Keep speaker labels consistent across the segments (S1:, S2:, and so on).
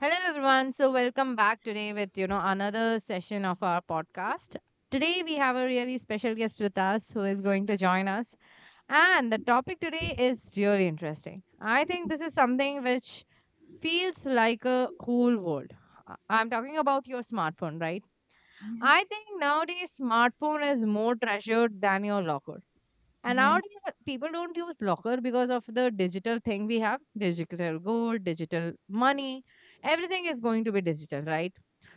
S1: Hello everyone. So welcome back today with another session of our podcast. Today we have a really special guest with us who is going to join us, and the topic today is really interesting. I think this is something which feels like a whole world. I'm talking about your smartphone, right?
S2: Yeah,
S1: I think nowadays smartphone is more treasured than your locker. And
S2: yeah,
S1: nowadays, people don't use locker because of the digital thing. We have digital gold, digital money. Everything is going to be digital, right?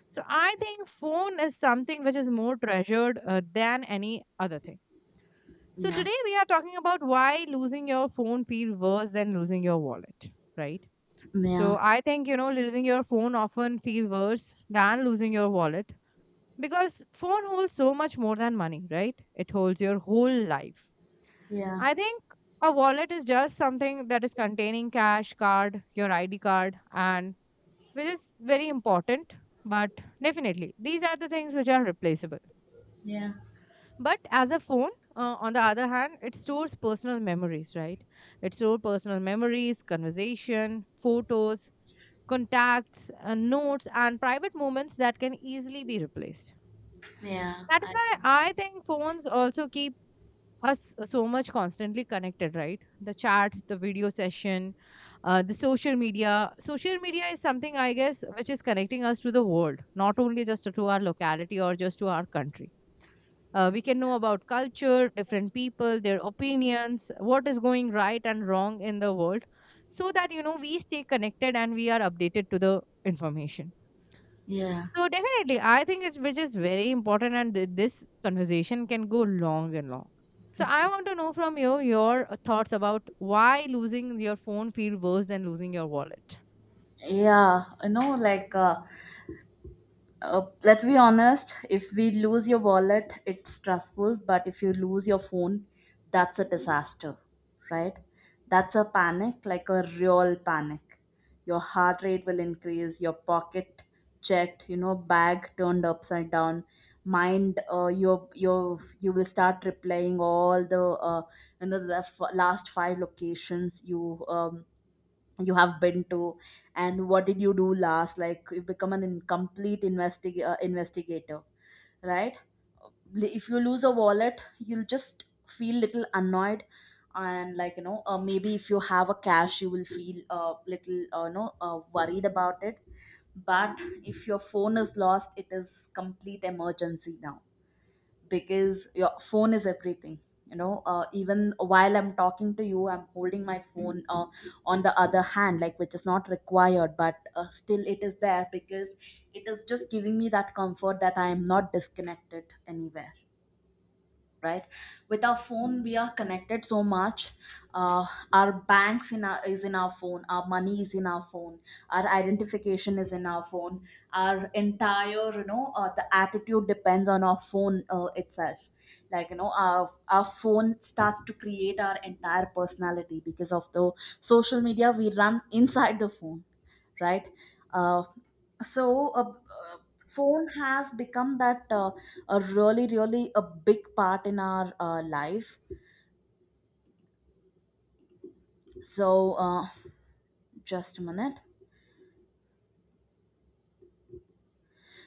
S1: So I think phone is something which is more treasured than any other thing. So
S2: yeah,
S1: today we are talking about why losing your phone feels worse than losing your wallet, right?
S2: yeah,
S1: So I think losing your phone often feels worse than losing your wallet because phone holds so much more than money, right? It holds your whole life.
S2: yeah,
S1: I think a wallet is just something that is containing cash, card, your ID card, and which is very important. But definitely, these are the things which are replaceable.
S2: yeah,
S1: But as a phone, on the other hand, it stores personal memories, right? It stores personal memories, conversation, photos, contacts, notes, and private moments that can easily be replaced.
S2: yeah.
S1: That is why I think phones also keep us so much constantly connected, right? The chats, the video session, the social media. Social media is something I guess which is connecting us to the world, not only just to our locality or just to our country. We can know about culture, different people, their opinions, what is going right and wrong in the world, so that we stay connected and we are updated to the information.
S2: Yeah,
S1: So definitely, I think it's which is very important, and this conversation can go long and long. So I want to know from you your thoughts about why losing your phone feel worse than losing your wallet.
S2: yeah. Like, let's be honest, if we lose your wallet, it's stressful, but if you lose your phone, that's a disaster, right? That's a panic, like a real panic. Your heart rate will increase, your pocket checked, bag turned upside down, mind. You will start replaying all the the last five locations you have been to, and what did you do last. Like, you become an incomplete investigator, right? If you lose a wallet, you'll just feel little annoyed, and, like, maybe if you have a cash, you will feel, little, no, worried about it. But if your phone is lost, it is complete emergency now, because your phone is everything. Even while I'm talking to you, I'm holding my phone, on the other hand, like, which is not required, but still it is there, because it is just giving me that comfort that I am not disconnected anywhere, right? With our phone, we are connected so much. uh, our banks in our is in our phone, our money is in our phone, our identification is in our phone, our entire the attitude depends on our phone itself. Like, our phone starts to create our entire personality because of the social media we run inside the phone, right. uh, so uh, uh, Phone has become that, a really really a big part in our life. so uh, just a minute.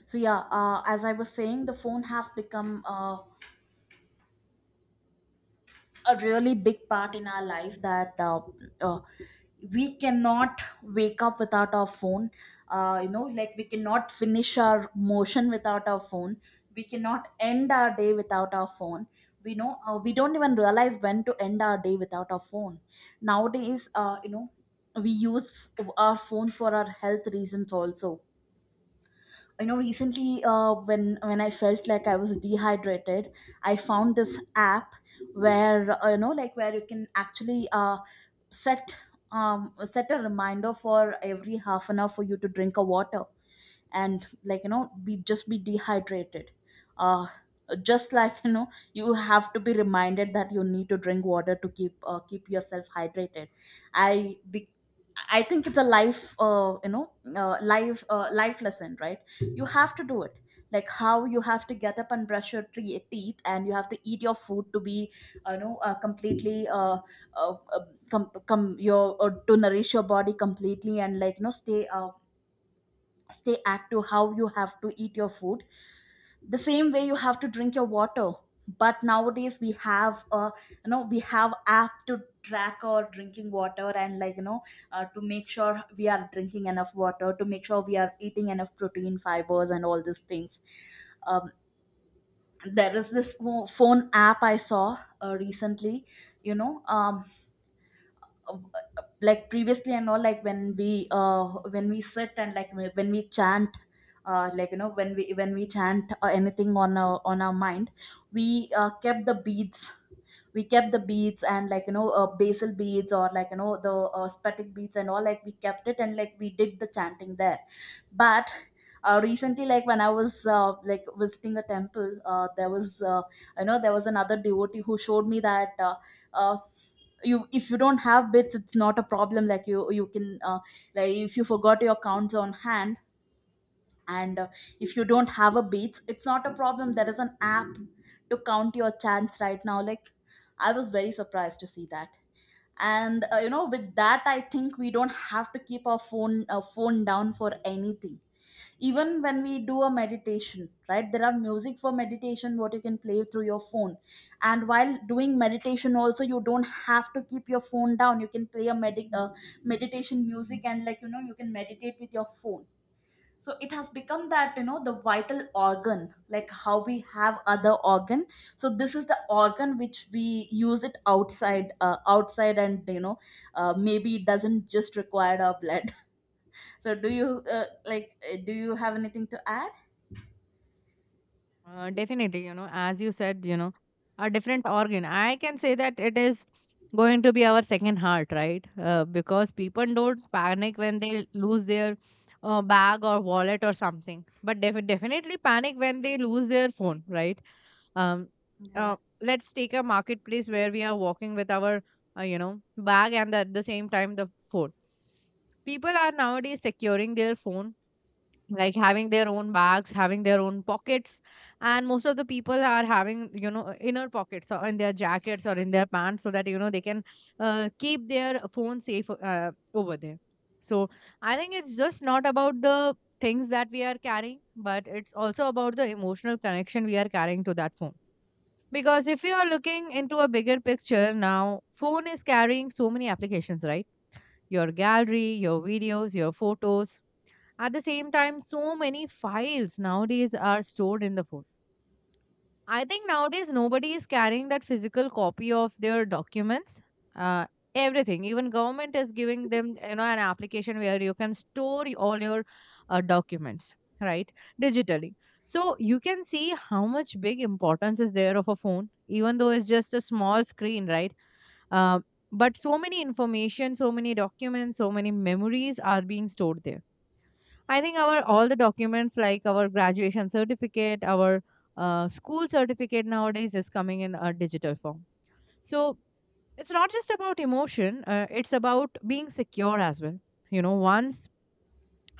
S2: So, yeah, as I was saying, the phone has become, a really big part in our life, that uh, we cannot wake up without our phone. Like, we cannot finish our motion without our phone. We cannot end our day without our phone. We know, we don't even realize when to end our day without our phone. Nowadays, we use our phone for our health reasons also. Recently, when I felt like I was dehydrated, I found this app where, like, where you can actually set, set a reminder for every half an hour for you to drink a water, and, like, be, just be dehydrated. uh just, like, you have to be reminded that you need to drink water to keep, keep yourself hydrated. i be, I think it's a life, life, life lesson, right? You have to do it, like how you have to get up and brush your teeth, and you have to eat your food to be, completely, uh, uh, com- com- your to nourish your body completely, and, like, stay, stay active. How you have to eat your food, the same way you have to drink your water. But nowadays we have a, we have app to track our drinking water, and, like, to make sure we are drinking enough water, to make sure we are eating enough protein, fibers, and all these things. um, there is this phone app I saw, recently. you know um, uh, like, previously and all, like, when we sit, and, like, when we chant, like, when we chant, anything on our, on our mind. We, kept the beads. We kept the beads and, like, basil beads, or, like, you know the spatic beads and all, like, we kept it, and, like, we did the chanting there. But, recently, like when I was, like, visiting a temple, there was, there was another devotee who showed me that, uh, you, if you don't have bits, it's not a problem. Like, you can, like, if you forgot your counts on hand, and, if you don't have a beats, it's not a problem, there is an app to count your chance right now. Like, I was very surprised to see that. And, with that, I think we don't have to keep our phone, phone down for anything. Even when we do a meditation, right, there are music for meditation what you can play through your phone. And while doing meditation also, you don't have to keep your phone down, you can play a meditation music, and, like, you can meditate with your phone. So it has become that, the vital organ, like how we have other organ. So this is the organ which we use it outside, outside, and, maybe it doesn't just require our blood. So, do you, like, do you have anything to add?
S1: Definitely, as you said, a different organ. I can say that it is going to be our second heart, right? Because people don't panic when they lose their bag or wallet or something, but definitely panic when they lose their phone, right? Um,
S2: Yeah.
S1: let's take a marketplace where we are walking with our, bag and at the same time the phone. People are nowadays securing their phone, like having their own bags, having their own pockets, and most of the people are having, inner pockets or in their jackets or in their pants, so that they can keep their phone safe over there. So I think it's just not about the things that we are carrying, but it's also about the emotional connection we are carrying to that phone. Because if you are looking into a bigger picture, now phone is carrying so many applications, right? Your gallery, your videos, your photos. At the same time, so many files nowadays are stored in the phone. I think nowadays nobody is carrying that physical copy of their documents. Uh, Everything, even government is giving them, an application where you can store all your documents, right, digitally. So you can see how much big importance is there of a phone, even though it's just a small screen, right? Uh, but so many information, so many documents, so many memories are being stored there. I think our all the documents like our graduation certificate, our school certificate nowadays is coming in a digital form. So it's not just about emotion, it's about being secure as well. You know, once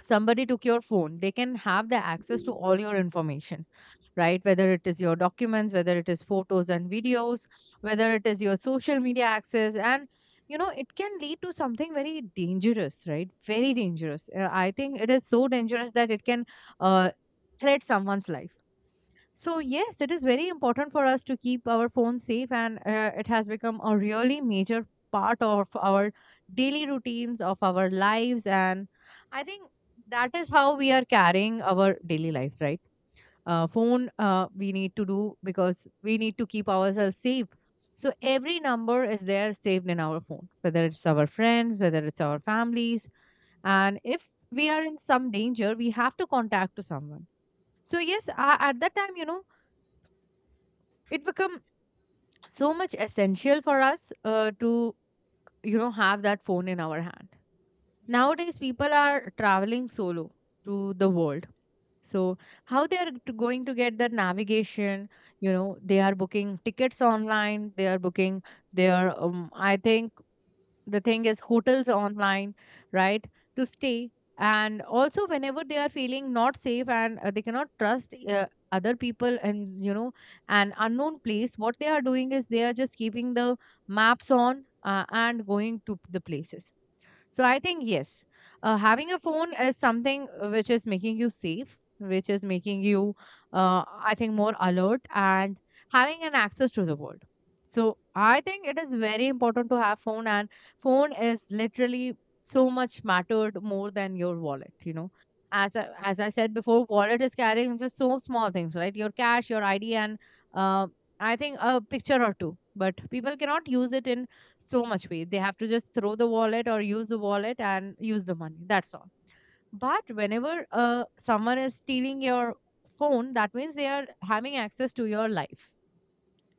S1: somebody took your phone, they can have the access to all your information, right? Whether it is your documents, whether it is photos and videos, whether it is your social media access. And you know it can lead to something very dangerous, right? Very dangerous. I think it is so dangerous that it can uh, threat someone's life. So, yes, it is very important for us to keep our phone safe, and it has become a really major part of our daily routines, of our lives. And I think that is how we are carrying our daily life, right? Phone, we need to do because we need to keep ourselves safe. So, every number is there saved in our phone, whether it's our friends, whether it's our families. And if we are in some danger, we have to contact to someone. So, yes, at that time, it become so much essential for us to have that phone in our hand.
S2: Yeah.
S1: Nowadays people are traveling solo to the world, so how they are going to get that navigation? You know, they are booking tickets online. They are booking their. I think the thing is hotels online, right, to stay. And also, whenever they are feeling not safe and they cannot trust other people and an unknown place, what they are doing is they are just keeping the maps on and going to the places. So I think yes, having a phone is something which is making you safe, which is making you, I think, more alert and having an access to the world. So I think it is very important to have phone, and phone is literally so much mattered more than your wallet. You know, as I said before, wallet is carrying just so small things, right? Your cash, your ID, and uh, I think a picture or two. But people cannot use it in so much weight. They have to just throw the wallet or use the wallet and use the money. That's all. But whenever someone is stealing your phone, that means they are having access to your life,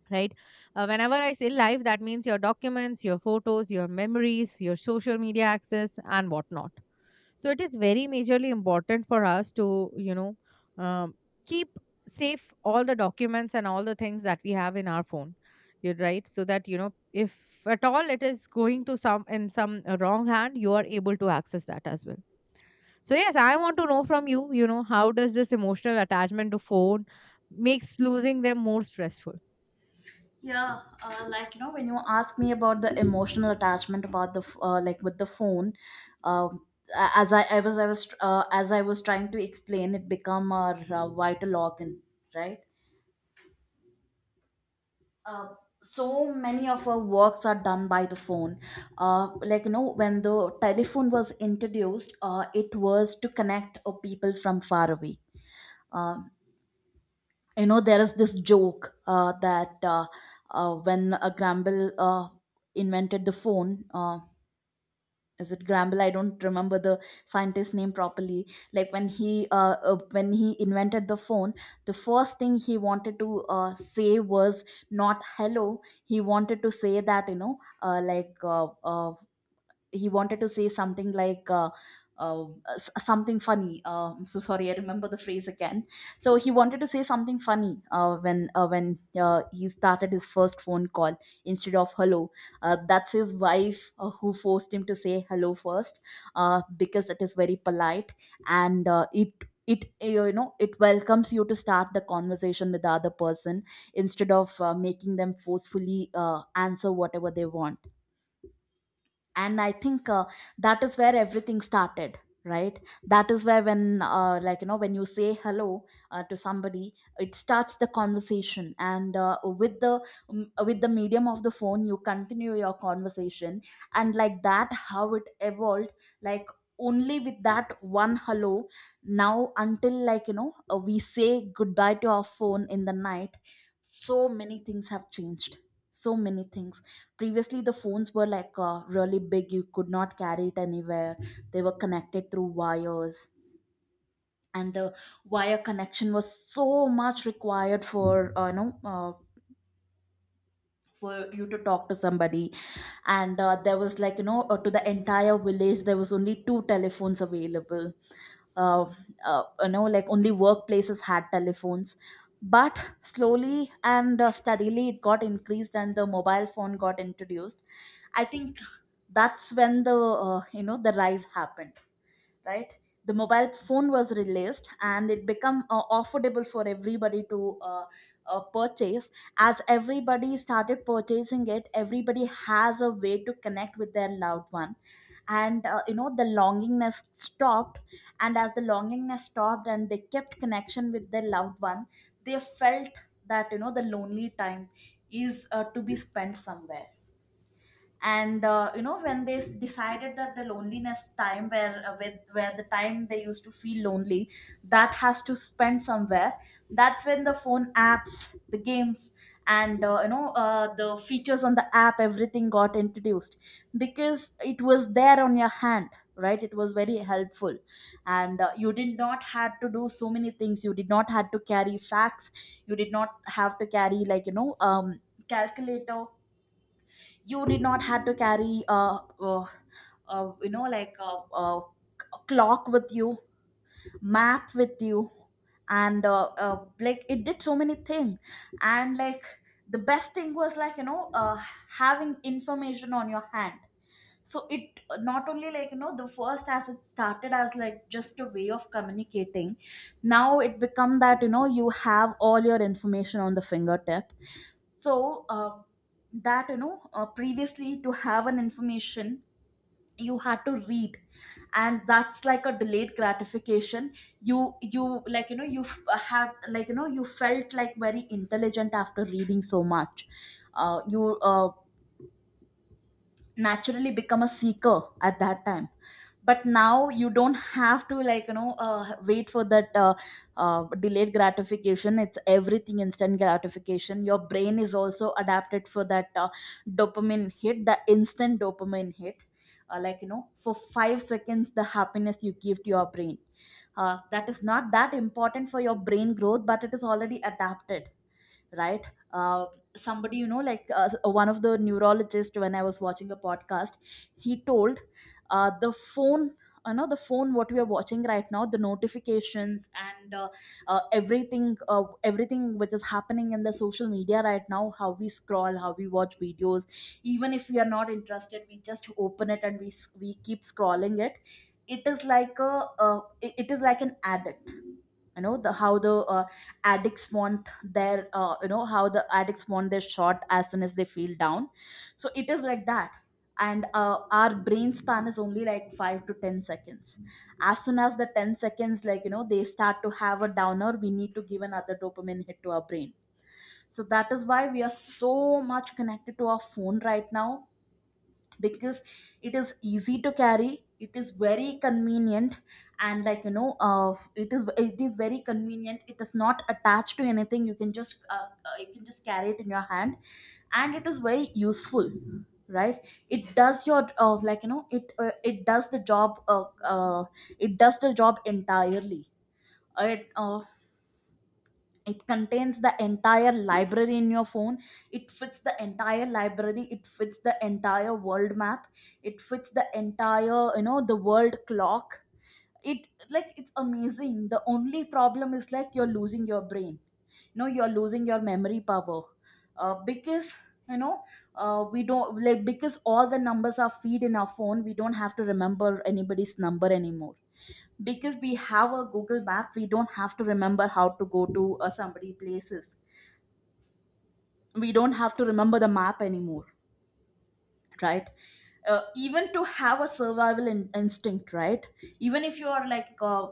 S1: right? Whenever I say life, that means your documents, your photos, your memories, your social media access, and whatnot. So it is very majorly important for us to um, keep safe all the documents and all the things that we have in our phone. You're right, so that if at all it is going to some, in some wrong hand, you are able to access that as well. So yes, I want to know from you, you know how does this emotional attachment to phone makes losing them more stressful?
S2: Yeah, like, when you ask me about the emotional attachment about the like, with the phone, um, as I was trying to explain, it become our, vital organ, right? uh, so many of our works are done by the phone. Like, when the telephone was introduced, it was to connect, people from far away. uh, there is this joke, that when, Gramble, invented the phone, is it Gramble? I don't remember the scientist name properly. Like when he, when he invented the phone, the first thing he wanted to, say was not hello. He wanted to say that, like, he wanted to say something like, uh, something funny. I'm so sorry, I remember the phrase again. So he wanted to say something funny when he started his first phone call, instead of hello. That's his wife, who forced him to say hello first, because it is very polite. And, it it it welcomes you to start the conversation with the other person, instead of, making them forcefully answer whatever they want. And I think, that is where everything started, right? That is where, when like, when you say hello, to somebody, it starts the conversation. And, with the, with the medium of the phone, you continue your conversation, and like that, how it evolved. Like only with that one hello, now until, like, we say goodbye to our phone in the night, so many things have changed. So many things. Previously, the phones were like, really big, you could not carry it anywhere. They were connected through wires, and the wire connection was so much required for, for you to talk to somebody. And, there was, like, to the entire village, there was only two telephones available. uh, like, only workplaces had telephones. But slowly and, steadily, it got increased, and the mobile phone got introduced. I think that's when the, the rise happened, right. The mobile phone was released, and it became, affordable for everybody to, purchase. As everybody started purchasing it, everybody has a way to connect with their loved one. And, the longingness stopped, and as the longingness stopped and they kept connection with their loved one, they felt that, the lonely time is, to be spent somewhere. And, when they decided that the loneliness time where, with where the time they used to feel lonely, that has to spend somewhere. That's when the phone apps, the games, and, the features on the app, everything got introduced, because it was there on your hand, right. It was very helpful. And, you did not had to do so many things, you did not had to carry facts, you did not have to carry, like, calculator, you did not have to carry like a clock with you, map with you. And, like, it did so many things. And like, the best thing was, like, having information on your hand. So it not only, like, the first as it started as, like, just a way of communicating, now it become that, you have all your information on the fingertip. So, that, previously, to have an information, you had to read, and that's like a delayed gratification. You Like, you have, like, you felt like very intelligent After reading so much, you naturally become a seeker at that time. But now you don't have to, like you know, wait for that delayed gratification. It's everything instant gratification. Your brain is also adapted for that, dopamine hit, the instant dopamine hit. Like you know, for 5 seconds the happiness you give to your brain, that is not that important for your brain growth, but it is already adapted, right? uh, Somebody, you know, like one of the neurologists when I was watching a podcast, he told, the phone, you know, the phone what we are watching right now, the notifications, and everything, everything which is happening in the social media right now, how we scroll, how we watch videos. Even if we are not interested, we just open it and we keep scrolling it. It is like a, it is like an addict. You know the, how the addicts want their you know, how the addicts want their shot as soon as they feel down. So it is like that. And our brain span is only like 5 to 10 seconds. As soon as the 10 seconds, like you know, they start to have a downer, we need to give another dopamine hit to our brain. So that is why we are so much connected to our phone right now, because it is easy to carry, it is very convenient. And like you know, it is very convenient, it is not attached to anything, you can just carry it in your hand. And it is very useful, right? It does your, like you know, it does the job, uh, it does the job entirely. it uh, it contains the entire library in your phone. It fits the entire library, it fits the entire world map, it fits the entire, you know, the world clock. It, like, it's amazing. The only problem is, like, you're losing your brain, you know, you're losing your memory power, because, you know, we don't, like, because all the numbers are feed in our phone, we don't have to remember anybody's number anymore. Because we have a Google map, we don't have to remember how to go to somebody places, we don't have to remember the map anymore, right? Even to have a instinct, right? Even if you are like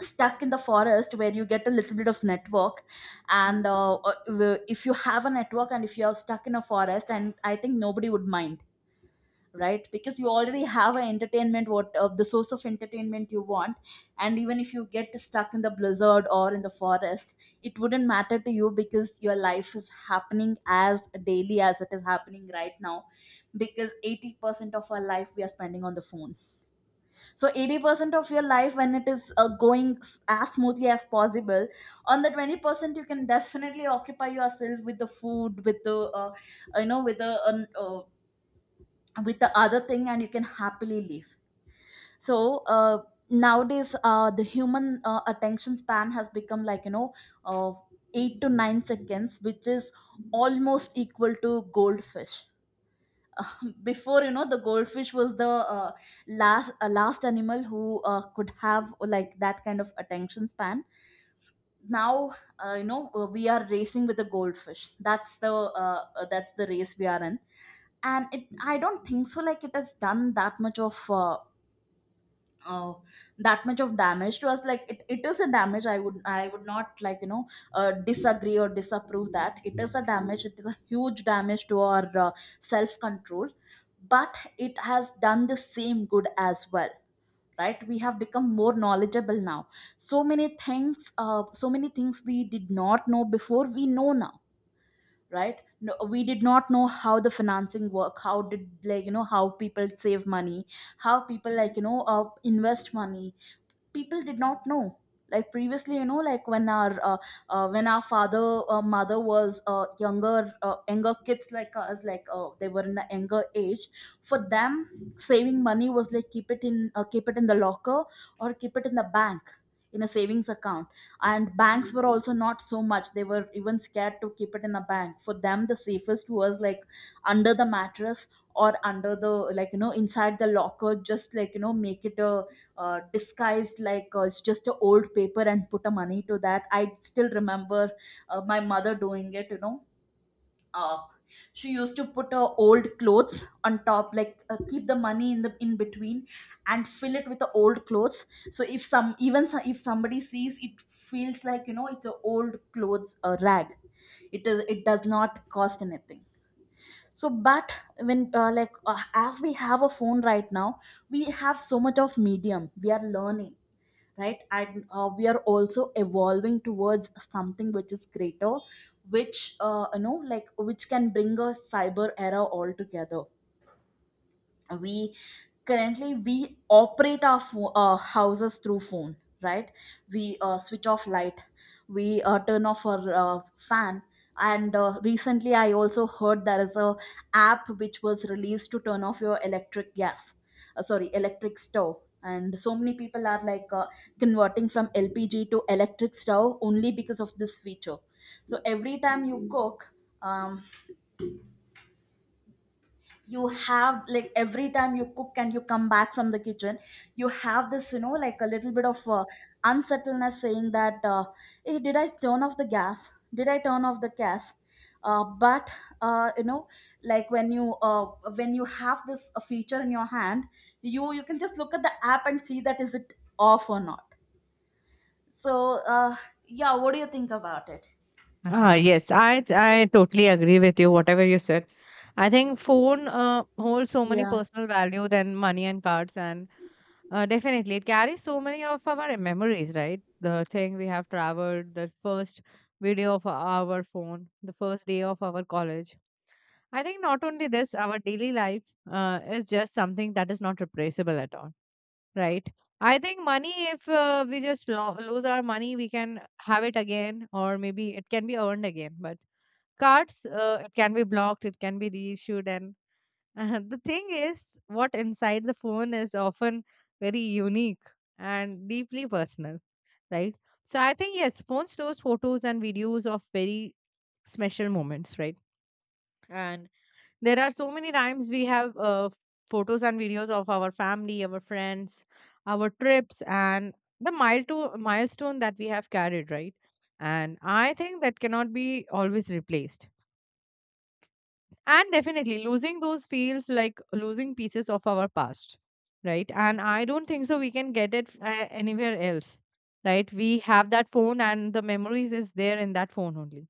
S2: stuck in the forest where you get a little bit of network, and if you have a network and if you are stuck in a forest, and I think nobody would mind, right? Because you already have an entertainment, what the source of entertainment you want. And even if you get stuck in the blizzard or in the forest, it wouldn't matter to you because your life is happening as daily as it is happening right now. Because 80% of our life we are spending on the phone. So 80% of your life when it is going as smoothly as possible, on the 20% you can definitely occupy yourself with the food, with the, you know, with the other thing, and you can happily leave. So nowadays the human attention span has become, like you know, uh, 8 to 9 seconds, which is almost equal to goldfish. Before, you know, the goldfish was the last last animal who could have like that kind of attention span. Now you know, we are racing with the goldfish. That's the that's the race we are in. And it, I don't think so like it has done that much of oh, that much of damage to us. Like, it is a damage, I would I would not, like you know, disagree or disapprove that it is a damage. It is a huge damage to our self control. But it has done the same good as well, right? We have become more knowledgeable now. So many things, so many things we did not know before, we know now, right? No, we did not know how the financing work, how did, like you know, how people save money, how people, like you know, invest money. People did not know. Like previously, you know, like when our father, mother was younger, younger kids like us, like they were in the younger age, for them saving money was like, keep it in, keep it in the locker, or keep it in the bank, in a savings account. And banks were also not so much, they were even scared to keep it in a bank. For them the safest was like under the mattress, or under the, like you know, inside the locker, just like you know, make it a disguised, like it's just a old paper and put a money to that. I still remember my mother doing it. You know, uh, she used to put her old clothes on top, like keep the money in the in between, and fill it with the old clothes. So if if somebody sees it, feels like you know it's a old clothes rag. It does not cost anything. So but when as we have a phone right now, we have so much of medium, we are learning, right? And we are also evolving towards something which is greater, which you know, like which can bring a cyber era altogether. We currently we operate our houses through phone, right? We switch off light, we turn off our fan. And recently I also heard there is a app which was released to turn off your electric gas, sorry, electric stove. And so many people are like converting from LPG to electric stove, only because of this feature. So every time you cook, um, you have like, every time you cook and you come back from the kitchen, you have this, you know, like a little bit of unsettledness saying that, hey, did I turn off the gas, did I turn off the gas? But you know, like when you have this feature in your hand, you can just look at the app and see that is it off or not. So yeah, what do you think about it?
S1: Ah, yes, I totally agree with you. Whatever you said, I think phone holds so many
S2: Yeah.
S1: personal value than money and cards, and definitely. It carries so many of our memories, right? The thing we have traveled, the first video of our phone, the first day of our college. I think not only this, our daily life is just something that is not replaceable at all, right? I think money, if we just lose our money, we can have it again, or maybe it can be earned again. But cards, it can be blocked, it can be reissued, and the thing is what inside the phone is often very unique and deeply personal, right? So I think yes, phone stores photos and videos of very special moments, right? And there are so many times we have photos and videos of our family, our friends, our trips, and the milestone that we have carried, right? And I think that cannot be always replaced. And definitely, losing those feels like losing pieces of our past, right? And I don't think so. We can get it anywhere else, right? We have that phone, and the memories is there in that phone only,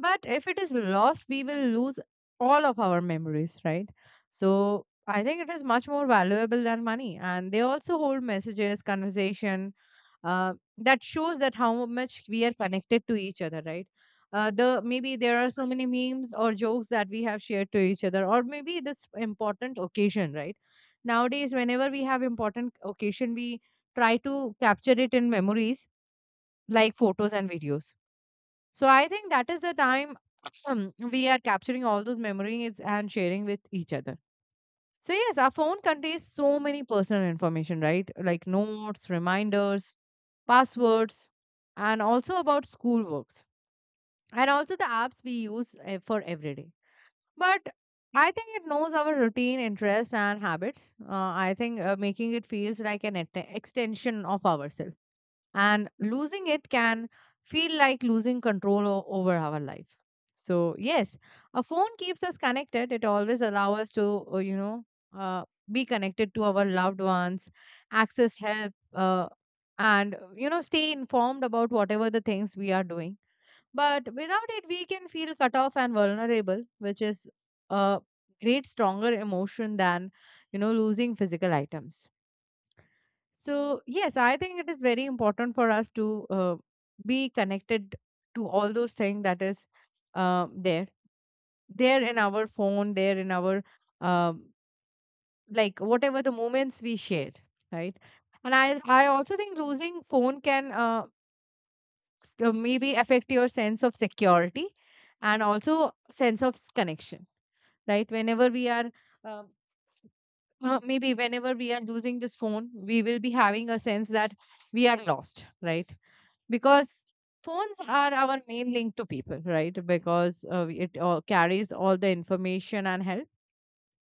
S1: but if it is lost, we will lose all of our memories, right? So I think it is much more valuable than money. And they also hold messages, conversation uh, that shows that how much we are connected to each other, right? The Maybe there are so many memes or jokes that we have shared to each other, or maybe this important occasion, right? Nowadays, whenever we have important occasion, we try to capture it in memories like photos and videos. So I think that is the time we are capturing all those memories and sharing with each other. So yes, our phone contains so many personal information, right? Like notes, reminders, passwords, and also about schoolworks and also the apps we use for every day. But I think it knows our routine, interest, and habits. I think making it feels like an extension of ourselves, and losing it can feel like losing control over our life. So yes, a phone keeps us connected. It always allows us to uh, be connected to our loved ones, access help, and stay informed about whatever the things we are doing. But without it, we can feel cut off and vulnerable, which is a great stronger emotion than losing physical items. So, yes, I think it is very important for us to be connected to all those things that is there. There in our phone, there in our, um, like, whatever the moments we share, right? And I also think losing phone can maybe affect your sense of security, and also sense of connection, right? Whenever we are um maybe whenever we are losing this phone, we will be having a sense that we are lost, right? Because phones are our main link to people, right? Because it carries all the information and help.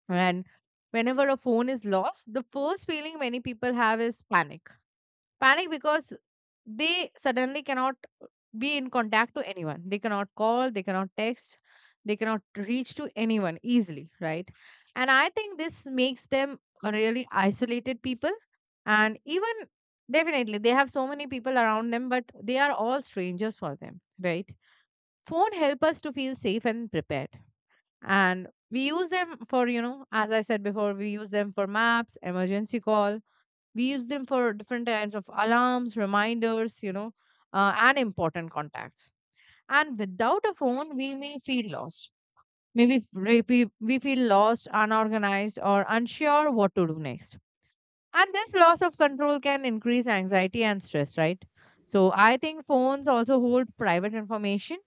S1: And whenever a phone is lost, the first feeling many people have is panic. Panic because they suddenly cannot be in contact to anyone. They cannot call, they cannot text, they cannot reach to anyone easily, right? And I think this makes them a really isolated people. And even definitely they have so many people around them, but they are all strangers for them, right? Phone help us to feel safe and prepared. And we use them for, you know, as I said before, we use them for maps, emergency call, we use them for different kinds of alarms, reminders, and important contacts. And without a phone, we may feel lost. Maybe we feel lost, unorganized, or unsure what to do next. And this loss of control can increase anxiety and stress, right? So I think phones also hold private information.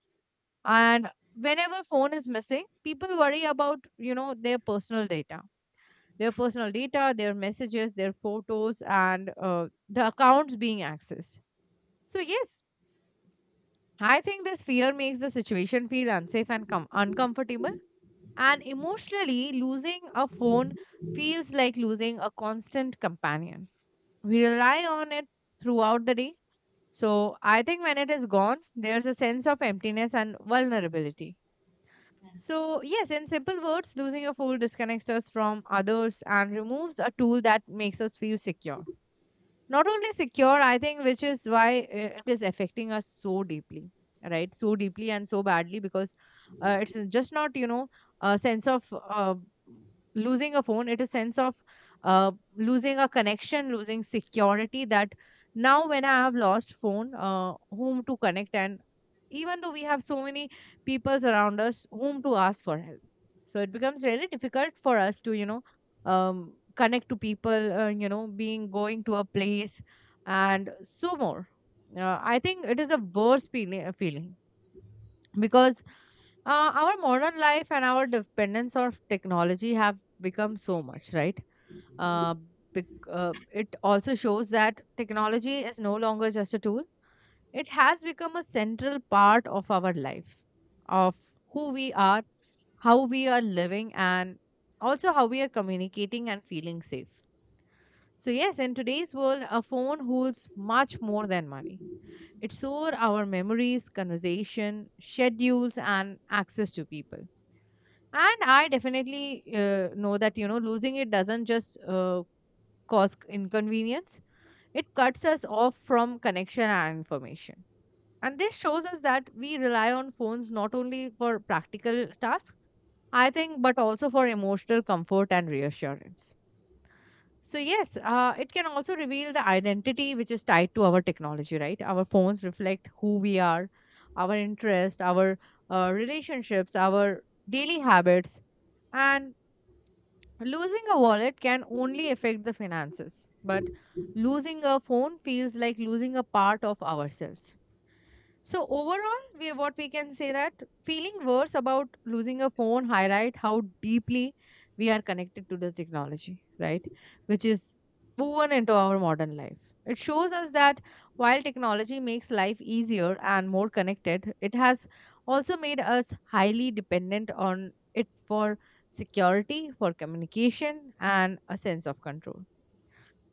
S1: And whenever phone is missing, people worry about, you know, their personal data, their messages, their photos, and the accounts being accessed. So, yes, I think this fear makes the situation feel unsafe and uncomfortable. And emotionally, losing a phone feels like losing a constant companion. We rely on it throughout the day. So, I think when it is gone, there's a sense of emptiness and vulnerability. So, yes, in simple words, losing a phone disconnects us from others and removes a tool that makes us feel secure. Not only secure, I think, which is why it is affecting us so deeply, right? So deeply and so badly because it's just not, you know, a sense of losing a phone, it is sense of losing a connection, losing security. That now when I have lost phone, whom to connect, and even though we have so many people around us whom to ask for help, so it becomes really difficult for us to connect to people, being going to a place, and so more. I think it is a worse feeling because our modern life and our dependence of technology have become so much, right? Uh, it also shows that technology is no longer just a tool. It has become a central part of our life, of who we are, how we are living, and also how we are communicating and feeling safe. So, yes, in today's world, a phone holds much more than money. It stores our memories, conversation, schedules, and access to people. And I definitely know that, you know, losing it doesn't just cause inconvenience, it cuts us off from connection and information. And this shows us that we rely on phones not only for practical tasks, I think, but also for emotional comfort and reassurance. So, yes, it can also reveal the identity which is tied to our technology, right? Our phones reflect who we are, our interest, our relationships, our daily habits. And losing a wallet can only affect the finances, but losing a phone feels like losing a part of ourselves. So overall, we what we can say that feeling worse about losing a phone highlight how deeply we are connected to the technology, right? Which is woven into our modern life. It shows us that while technology makes life easier and more connected, it has also made us highly dependent on it for security, for communication, and a sense of control.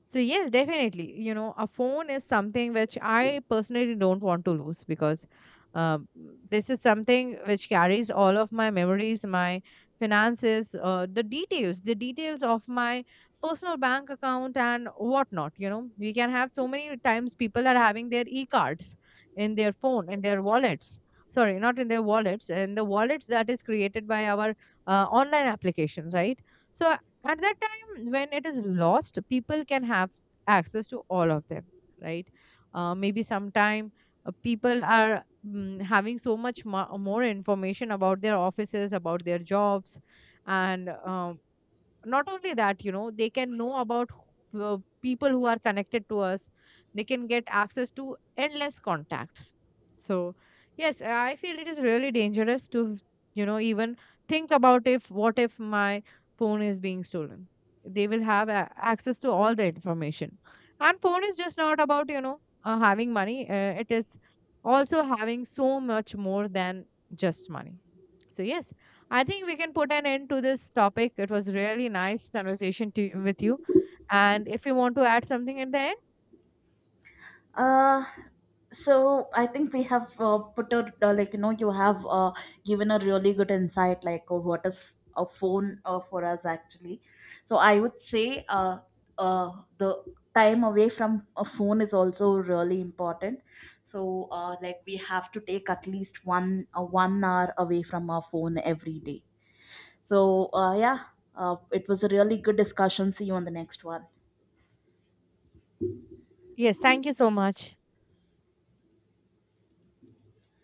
S1: So yes, definitely. You know, a phone is something which I personally don't want to lose because um, this is something which carries all of my memories, my finances, the details of my personal bank account and whatnot. You know, we can have so many times people are having their e-cards in their phone, in their wallets. Sorry, not in their wallets, in the wallets that is created by our online applications, right? So at that time when it is lost, people can have access to all of them, right? Maybe sometime people are having so much more information about their offices, about their jobs, and not only that, you know, they can know about people who are connected to us. They can get access to endless contacts. So yes, I feel it is really dangerous to, you know, even think about if what if my phone is being stolen, they will have access to all the information. And phone is just not about, you know, having money. It is also having so much more than just money. So yes, I think we can put an end to this topic. It was really nice conversation to, with you. And if you want to add something at the end,
S2: Uh, so I think we have put a like you know, you have given a really good insight, like what is a phone for us actually. So I would say the time away from a phone is also really important. So like we have to take at least 1 hour away from our phone every day. So yeah, it was a really good discussion. See you on the next one.
S1: yes, thank you so much.